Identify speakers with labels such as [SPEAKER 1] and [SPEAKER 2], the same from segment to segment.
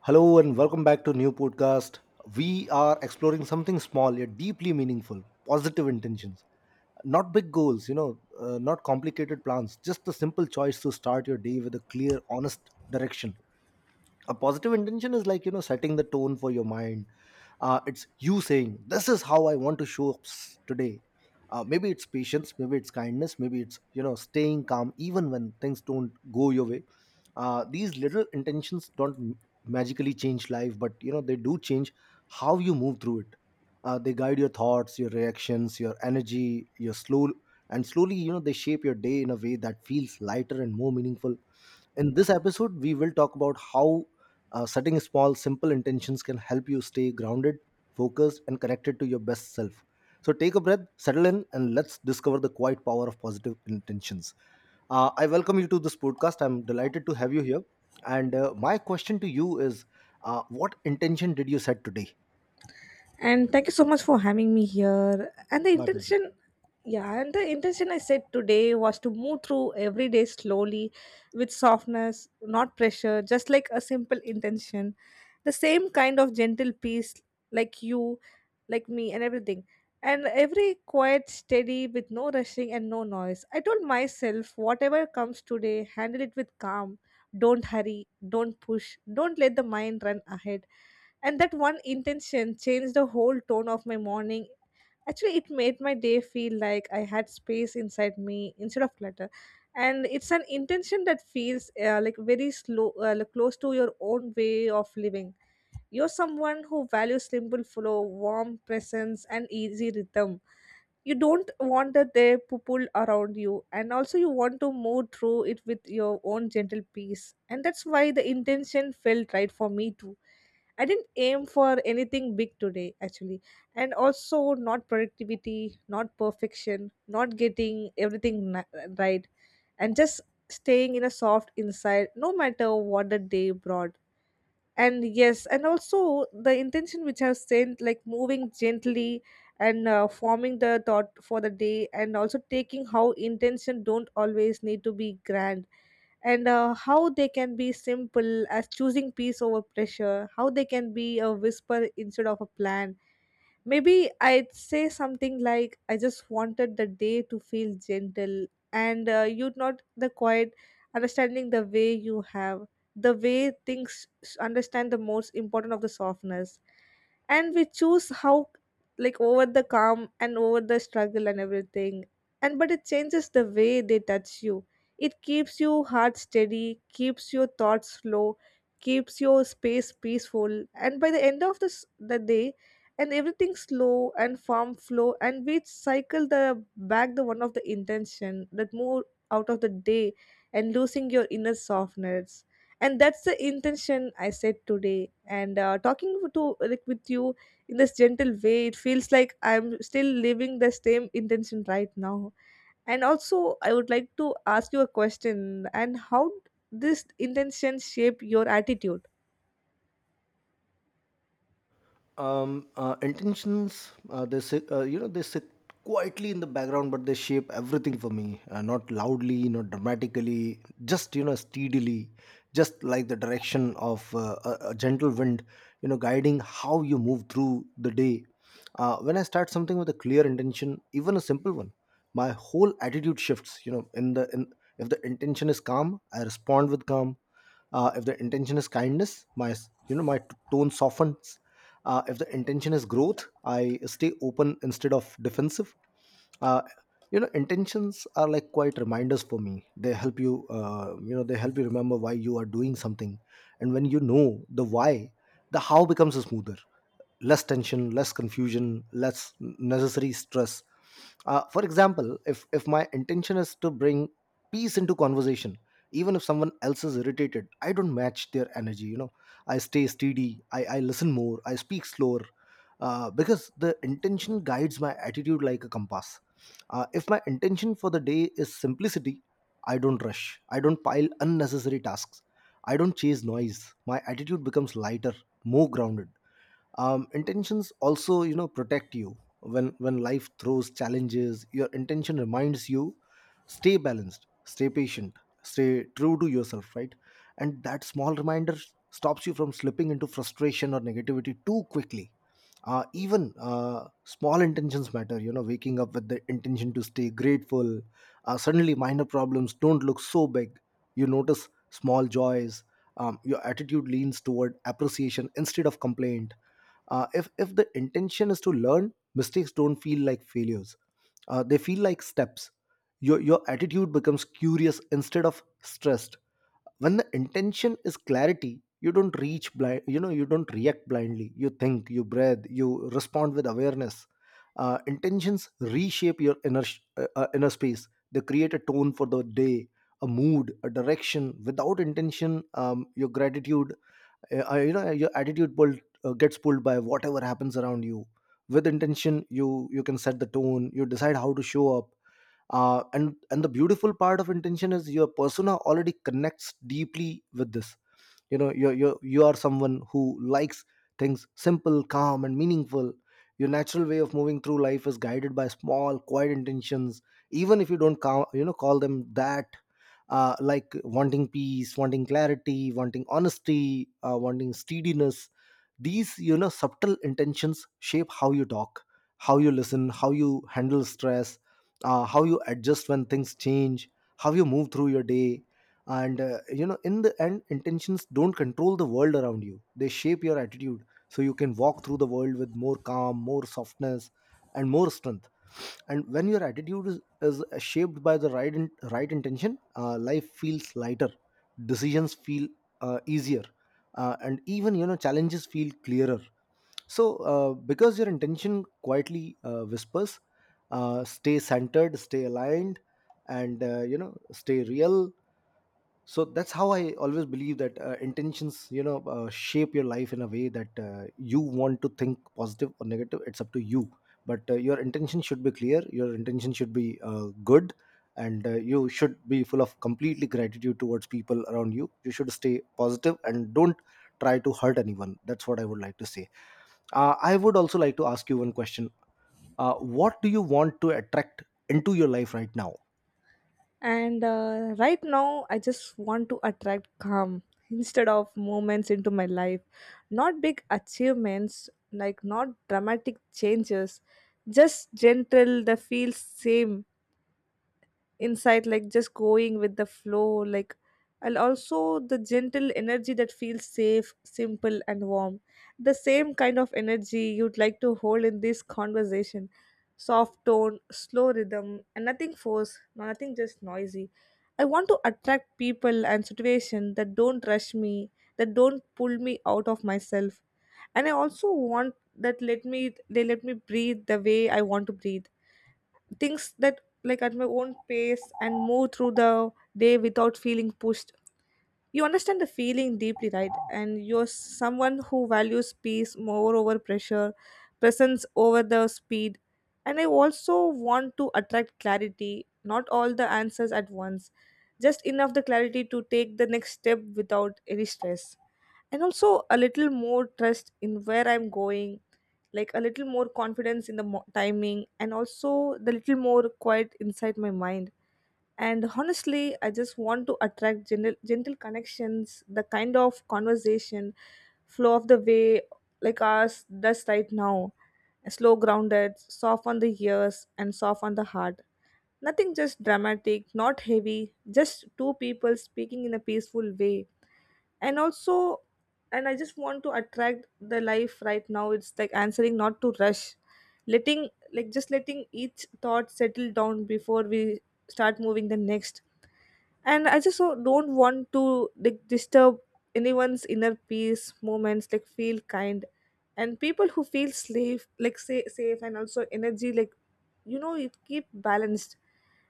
[SPEAKER 1] Hello and welcome back to new podcast. We are exploring something small yet deeply meaningful, positive intentions. Not big goals, not complicated plans, just the simple choice to start your day with a clear, honest direction. A positive intention is like setting the tone for your mind. It's you saying this is how I want to show up today. Maybe it's patience, maybe it's kindness, maybe it's staying calm even when things don't go your way. These little intentions don't magically change life, but they do change how you move through it. They guide your thoughts, your reactions, your energy, your slow, and slowly they shape your day in a way that feels lighter and more meaningful. In this episode, we will talk about how setting small, simple intentions can help you stay grounded, focused, and connected to your best self. So take a breath, settle in, and let's discover the quiet power of positive intentions. I welcome you to this podcast. I'm delighted to have you here. And my question to you is, what intention did you set today?
[SPEAKER 2] And thank you so much for having me here. And the
[SPEAKER 1] My pleasure.
[SPEAKER 2] intention yeah, and the intention I said today was to move through every day slowly with softness, not pressure, just like a simple intention. The same kind of gentle peace, like you, like me, and everything. And every quiet, steady, with no rushing and no noise. I told myself, whatever comes today, handle it with calm. Don't hurry, don't push, don't let the mind run ahead, and that one intention changed the whole tone of my morning. Actually, it made my day feel like I had space inside me instead of clutter. And it's an intention that feels like very slow, like close to your own way of living. You're someone who values simple flow, warm presence, and easy rhythm. You don't want that they pull around you, and also you want to move through it with your own gentle peace. And that's why the intention felt right for me too. I didn't aim for anything big today, actually. And also, not productivity, not perfection, not getting everything right, and just staying in a soft inside, no matter what the day brought. And yes, and also the intention which I've sent, like moving gently and forming the thought for the day, and also taking how intention don't always need to be grand and how they can be simple as choosing peace over pressure, how they can be a whisper instead of a plan. Maybe I'd say something like, I just wanted the day to feel gentle, and you not the quiet, understanding the way you have, the way things understand the most important of the softness, and we choose how, like over the calm and over the struggle and everything. And but it changes the way they touch you. It keeps your heart steady, keeps your thoughts slow, keeps your space peaceful, and by the end of this the day and everything slow and firm flow, and we cycle the back the one of the intention that move out of the day and losing your inner softness. And that's the intention I said today. And talking to like with you in this gentle way, it feels like I'm still living the same intention right now. And also I would like to ask you a question, and how this intention shape your attitude.
[SPEAKER 1] Intentions, they sit, they sit quietly in the background, but they shape everything for me. Not loudly, not dramatically, just steadily, just like the direction of a gentle wind, guiding how you move through the day. When I start something with a clear intention, even a simple one, my whole attitude shifts. You know in the in If the intention is calm, I respond with calm. If the intention is kindness, my tone softens. If the intention is growth, I stay open instead of defensive. uh, Intentions are like quite reminders for me. They help you, you know they help you remember why you are doing something, and when you know the why, the how becomes smoother. Less tension, less confusion, less necessary stress. For example, if my intention is to bring peace into conversation, even if someone else is irritated, I don't match their energy. I stay steady, I listen more, I speak slower, because the intention guides my attitude like a compass. If my intention for the day is simplicity, I don't rush, I don't pile unnecessary tasks, I don't chase noise. My attitude becomes lighter, more grounded. Intentions also protect you. When life throws challenges, your intention reminds you: stay balanced, stay patient, stay true to yourself, right? And that small reminder stops you from slipping into frustration or negativity too quickly. Even small intentions matter. Waking up with the intention to stay grateful, suddenly minor problems don't look so big. You notice small joys. Your attitude leans toward appreciation instead of complaint. If the intention is to learn, mistakes don't feel like failures. They feel like steps. Your attitude becomes curious instead of stressed. When the intention is clarity, you don't reach blind. You don't react blindly. You think, you breathe, you respond with awareness. Intentions reshape your inner space. They create a tone for the day, a mood, a direction. Without intention, your gratitude, your attitude pulled gets pulled by whatever happens around you. With intention, you can set the tone, you decide how to show up. And the beautiful part of intention is, your persona already connects deeply with this. You are someone who likes things simple, calm, and meaningful. Your natural way of moving through life is guided by small, quiet intentions, even if you don't call, you know call them that, like wanting peace, wanting clarity, wanting honesty, wanting steadiness. These subtle intentions shape how you talk, how you listen, how you handle stress, how you adjust when things change, how you move through your day. And in the end, intentions don't control the world around you. They shape your attitude, so you can walk through the world with more calm, more softness, and more strength. And when your attitude is shaped by the right intention, life feels lighter, decisions feel easier, and even challenges feel clearer, because your intention quietly whispers, stay centered, stay aligned, and stay real. So that's how I always believe that intentions shape your life in a way that, you want to think positive or negative, it's up to you. But your intention should be clear, your intention should be good, and you should be full of completely gratitude towards people around you. You should stay positive and don't try to hurt anyone. That's what I would like to say. I would also like to ask you one question. uh, what do you want to attract into your life right now?
[SPEAKER 2] And right now I just want to attract calm instead of moments into my life, not big achievements, like not dramatic changes, just gentle the feel same insight, like just going with the flow, like, and also the gentle energy that feels safe, simple, and warm. The same kind of energy you'd like to hold in this conversation: soft tone, slow rhythm, and nothing forced, no, nothing just noisy. I want to attract people and situations that don't rush me, that don't pull me out of myself, and I also want that let me, they let me breathe the way I want to breathe, things that like at my own pace and move through the day without feeling pushed. You understand the feeling deeply, right, and you're someone who values peace more over pressure, presence over the speed. And I also want to attract clarity, not all the answers at once, just enough the clarity to take the next step without any stress, and also a little more trust in where I'm going, like a little more confidence in the timing, and also the little more quiet inside my mind. And honestly, I just want to attract gentle connections, the kind of conversation flow of the way, like ours does right now, slow, grounded, soft on the ears and soft on the heart, nothing just dramatic, not heavy, just two people speaking in a peaceful way. And also, and I just want to attract the life right now. It's like answering not to rush, letting, like just letting each thought settle down before we start moving the next. And I just so don't want to like disturb anyone's inner peace, moments like feel kind, and people who feel safe, like say safe, and also energy, like, you know it keep balanced.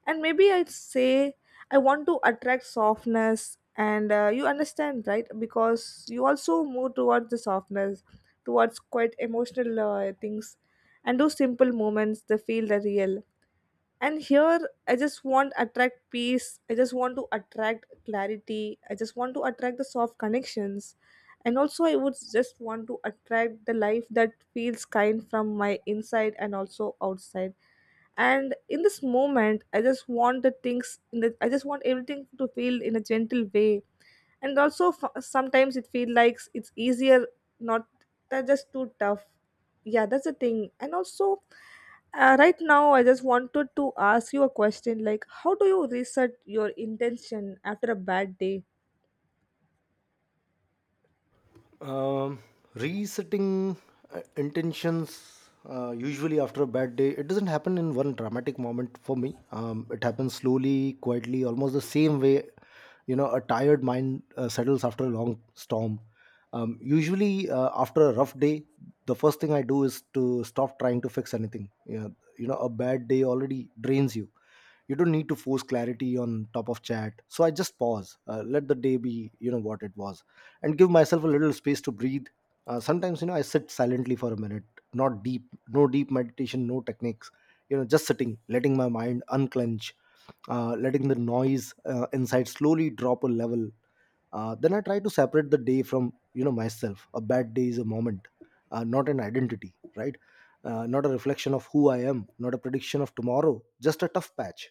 [SPEAKER 2] And maybe I'd say I want to attract softness, and you understand, right, because you also move towards the softness, towards quite emotional things, and those simple moments they feel the real. And here I just want attract peace, I just want to attract clarity, I just want to attract the soft connections. And also I would just want to attract the life that feels kind from my inside and also outside. And in this moment I just want the things in the, I just want everything to feel in a gentle way. And also sometimes it feels like it's easier, not, they're just too tough. Yeah, that's the thing. And also, right now I just wanted to ask you a question, like how do you reset your intention after a bad day.
[SPEAKER 1] Um, Resetting intentions usually after a bad day, it doesn't happen in one dramatic moment for me. It happens slowly, quietly, almost the same way, you know, a tired mind settles after a long storm. Usually, after a rough day, the first thing I do is to stop trying to fix anything. You know, a bad day already drains you. You don't need to force clarity on top of chat. So I just pause, let the day be, you know, what it was, and give myself a little space to breathe. Sometimes, you know, I sit silently for a minute, not deep, no deep meditation, no techniques, you know, just sitting, letting my mind unclench, letting the noise inside slowly drop a level. Then I try to separate the day from, you know, myself. A bad day is a moment, not an identity, right? Not a reflection of who I am, not a prediction of tomorrow, just a tough patch.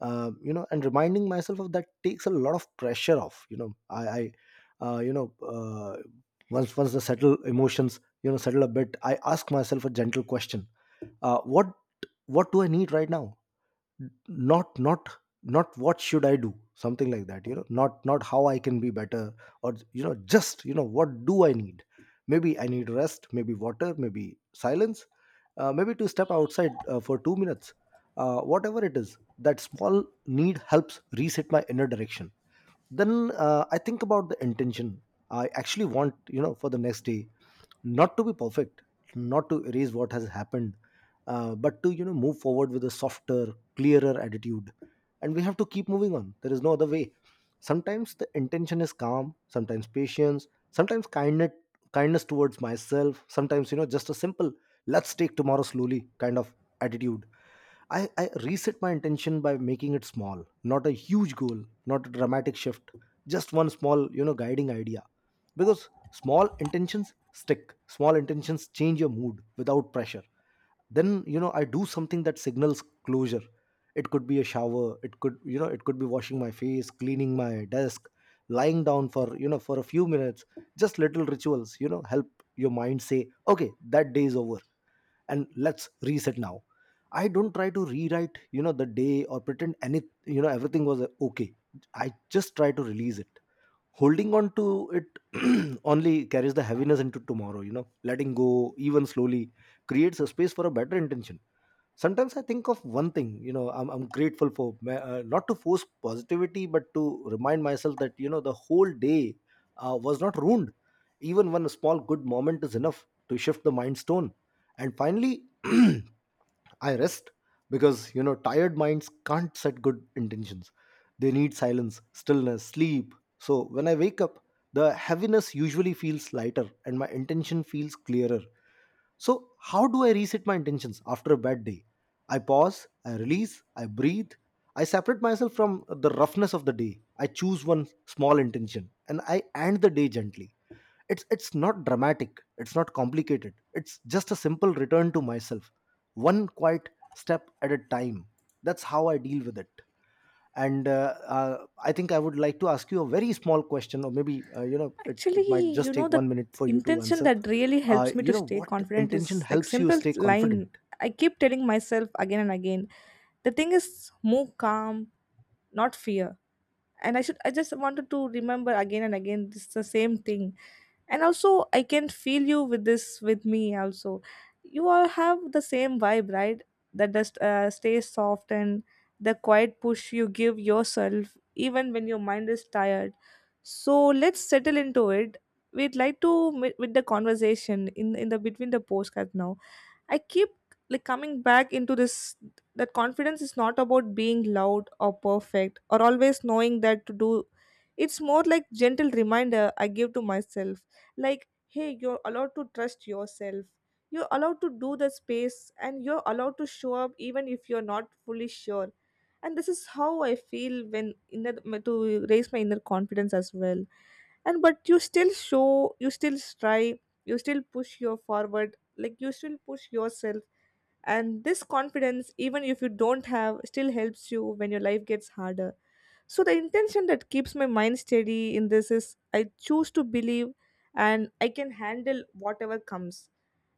[SPEAKER 1] And reminding myself of that takes a lot of pressure off, you know. I i uh, you know uh, once once the settle emotions settle a bit, I ask myself a gentle question. uh, what what do I need right now? Not Not what should I do, something like that, you know. Not how I can be better, or, you know, just, you know, what do I need? Maybe I need rest, maybe water, maybe silence, maybe to step outside for 2 minutes, whatever it is. That small need helps reset my inner direction. Then I think about the intention I actually want, you know, for the next day. Not to be perfect, not to erase what has happened, but to, you know, move forward with a softer, clearer attitude. And we have to keep moving on. There is no other way. Sometimes the intention is calm, sometimes patience, sometimes kindness, kindness towards myself, sometimes, you know, just a simple "let's take tomorrow slowly" kind of attitude. I reset my intention by making it small. Not a huge goal, not a dramatic shift, just one small, you know, guiding idea, because small intentions stick. Small intentions change your mood without pressure. Then, you know, I do something that signals closure. It could be a shower, it could, you know, it could be washing my face, cleaning my desk, lying down for, you know, for a few minutes. Just little rituals, you know, help your mind say, okay, that day is over, and let's reset now. I don't try to rewrite, you know, the day or pretend any, you know, everything was okay. I just try to release it. Holding on to it only carries the heaviness into tomorrow, you know. Letting go, even slowly, creates a space for a better intention. Sometimes I think of one thing, you know, I'm grateful for not to force positivity, but to remind myself that, you know, the whole day was not ruined. Even one small good moment is enough to shift the mind stone. And finally, I rest, because you know tired minds can't set good intentions. They need silence, stillness, sleep. So when I wake up, the heaviness usually feels lighter and my intention feels clearer. So how do I reset my intentions after a bad day? I pause, I release, I breathe, I separate myself from the roughness of the day. I choose one small intention and I end the day gently. It's not dramatic, it's not complicated, it's just a simple return to myself, one quiet step at a time. That's how I deal with it. And I think I would like to ask you a very small question, or maybe, it
[SPEAKER 2] Actually,
[SPEAKER 1] might
[SPEAKER 2] you
[SPEAKER 1] just
[SPEAKER 2] know,
[SPEAKER 1] take
[SPEAKER 2] the
[SPEAKER 1] 1 minute for you to
[SPEAKER 2] intention
[SPEAKER 1] answer.
[SPEAKER 2] that really helps me to stay
[SPEAKER 1] What
[SPEAKER 2] confident
[SPEAKER 1] intention
[SPEAKER 2] is like
[SPEAKER 1] helps you
[SPEAKER 2] simple
[SPEAKER 1] stay confident?
[SPEAKER 2] line. I keep telling myself again and again, the thing is move calm, not fear. And I should, I just wanted to remember again and again, it's the same thing. And also I can feel you with this with me also. You all have the same vibe, right, that just stays soft and the quiet push you give yourself even when your mind is tired. So let's settle into it. We'd like to with the conversation in the between the postcard now. I keep like coming back into this, that confidence is not about being loud or perfect or always knowing that to do. It's more like gentle reminder I give to myself, like hey, you're allowed to trust yourself. You're allowed to do the space and you're allowed to show up even if you're not fully sure. And this is how I feel when inner, to raise my inner confidence as well. And but you still show, you still strive, you still push your forward, like you still push yourself. And this confidence, even if you don't have, still helps you when your life gets harder. So the intention that keeps my mind steady in this is I choose to believe, and I can handle whatever comes.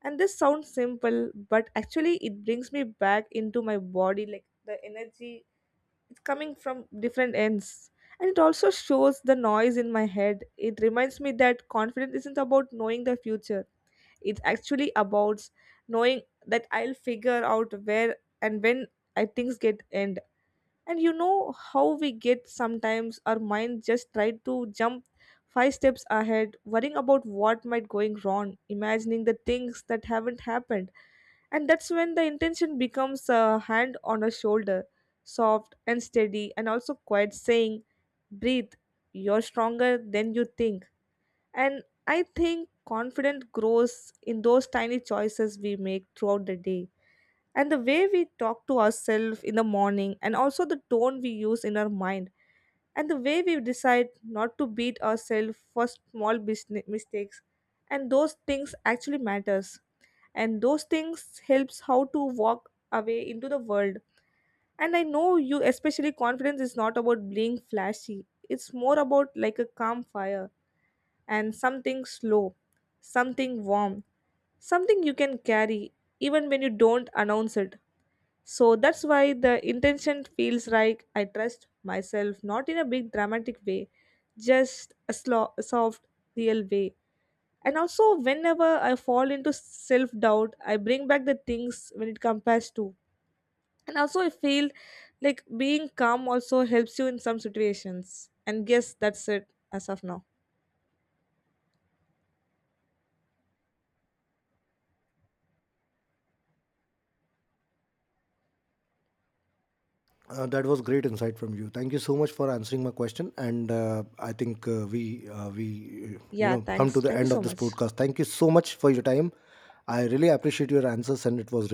[SPEAKER 2] And this sounds simple, but actually it brings me back into my body, like the energy it's coming from different ends. And it also shows the noise in my head. It reminds me that confidence isn't about knowing the future. It's actually about knowing that I'll figure out where and when I things get end. And you know how we get sometimes our mind just try to jump 5 steps ahead, worrying about what might going wrong, imagining the things that haven't happened. And that's when the intention becomes a hand on a shoulder, soft and steady and also quiet, saying breathe, you're stronger than you think. And I think confidence grows in those tiny choices we make throughout the day. And the way we talk to ourselves in the morning, and also the tone we use in our mind, and the way we decide not to beat ourselves for small business mistakes. And those things actually matters. And those things helps how to walk away into the world. And I know you, especially confidence is not about being flashy. It's more about like a calm fire, and something slow, something warm, something you can carry even when you don't announce it. So that's why the intention feels like I trust myself, not in a big dramatic way, just a slow, a soft, real way. And also, whenever I fall into self doubt, I bring back the things when it compares to. And also, I feel like being calm also helps you in some situations. And yes, that's it as of now.
[SPEAKER 1] That was great insight from you. Thank you so much for answering my question. And I think we you
[SPEAKER 2] Yeah,
[SPEAKER 1] know, come
[SPEAKER 2] thanks.
[SPEAKER 1] to the
[SPEAKER 2] Thank you
[SPEAKER 1] end
[SPEAKER 2] so
[SPEAKER 1] of this
[SPEAKER 2] much.
[SPEAKER 1] podcast. Thank you so much for your time. I really appreciate your answers, and it was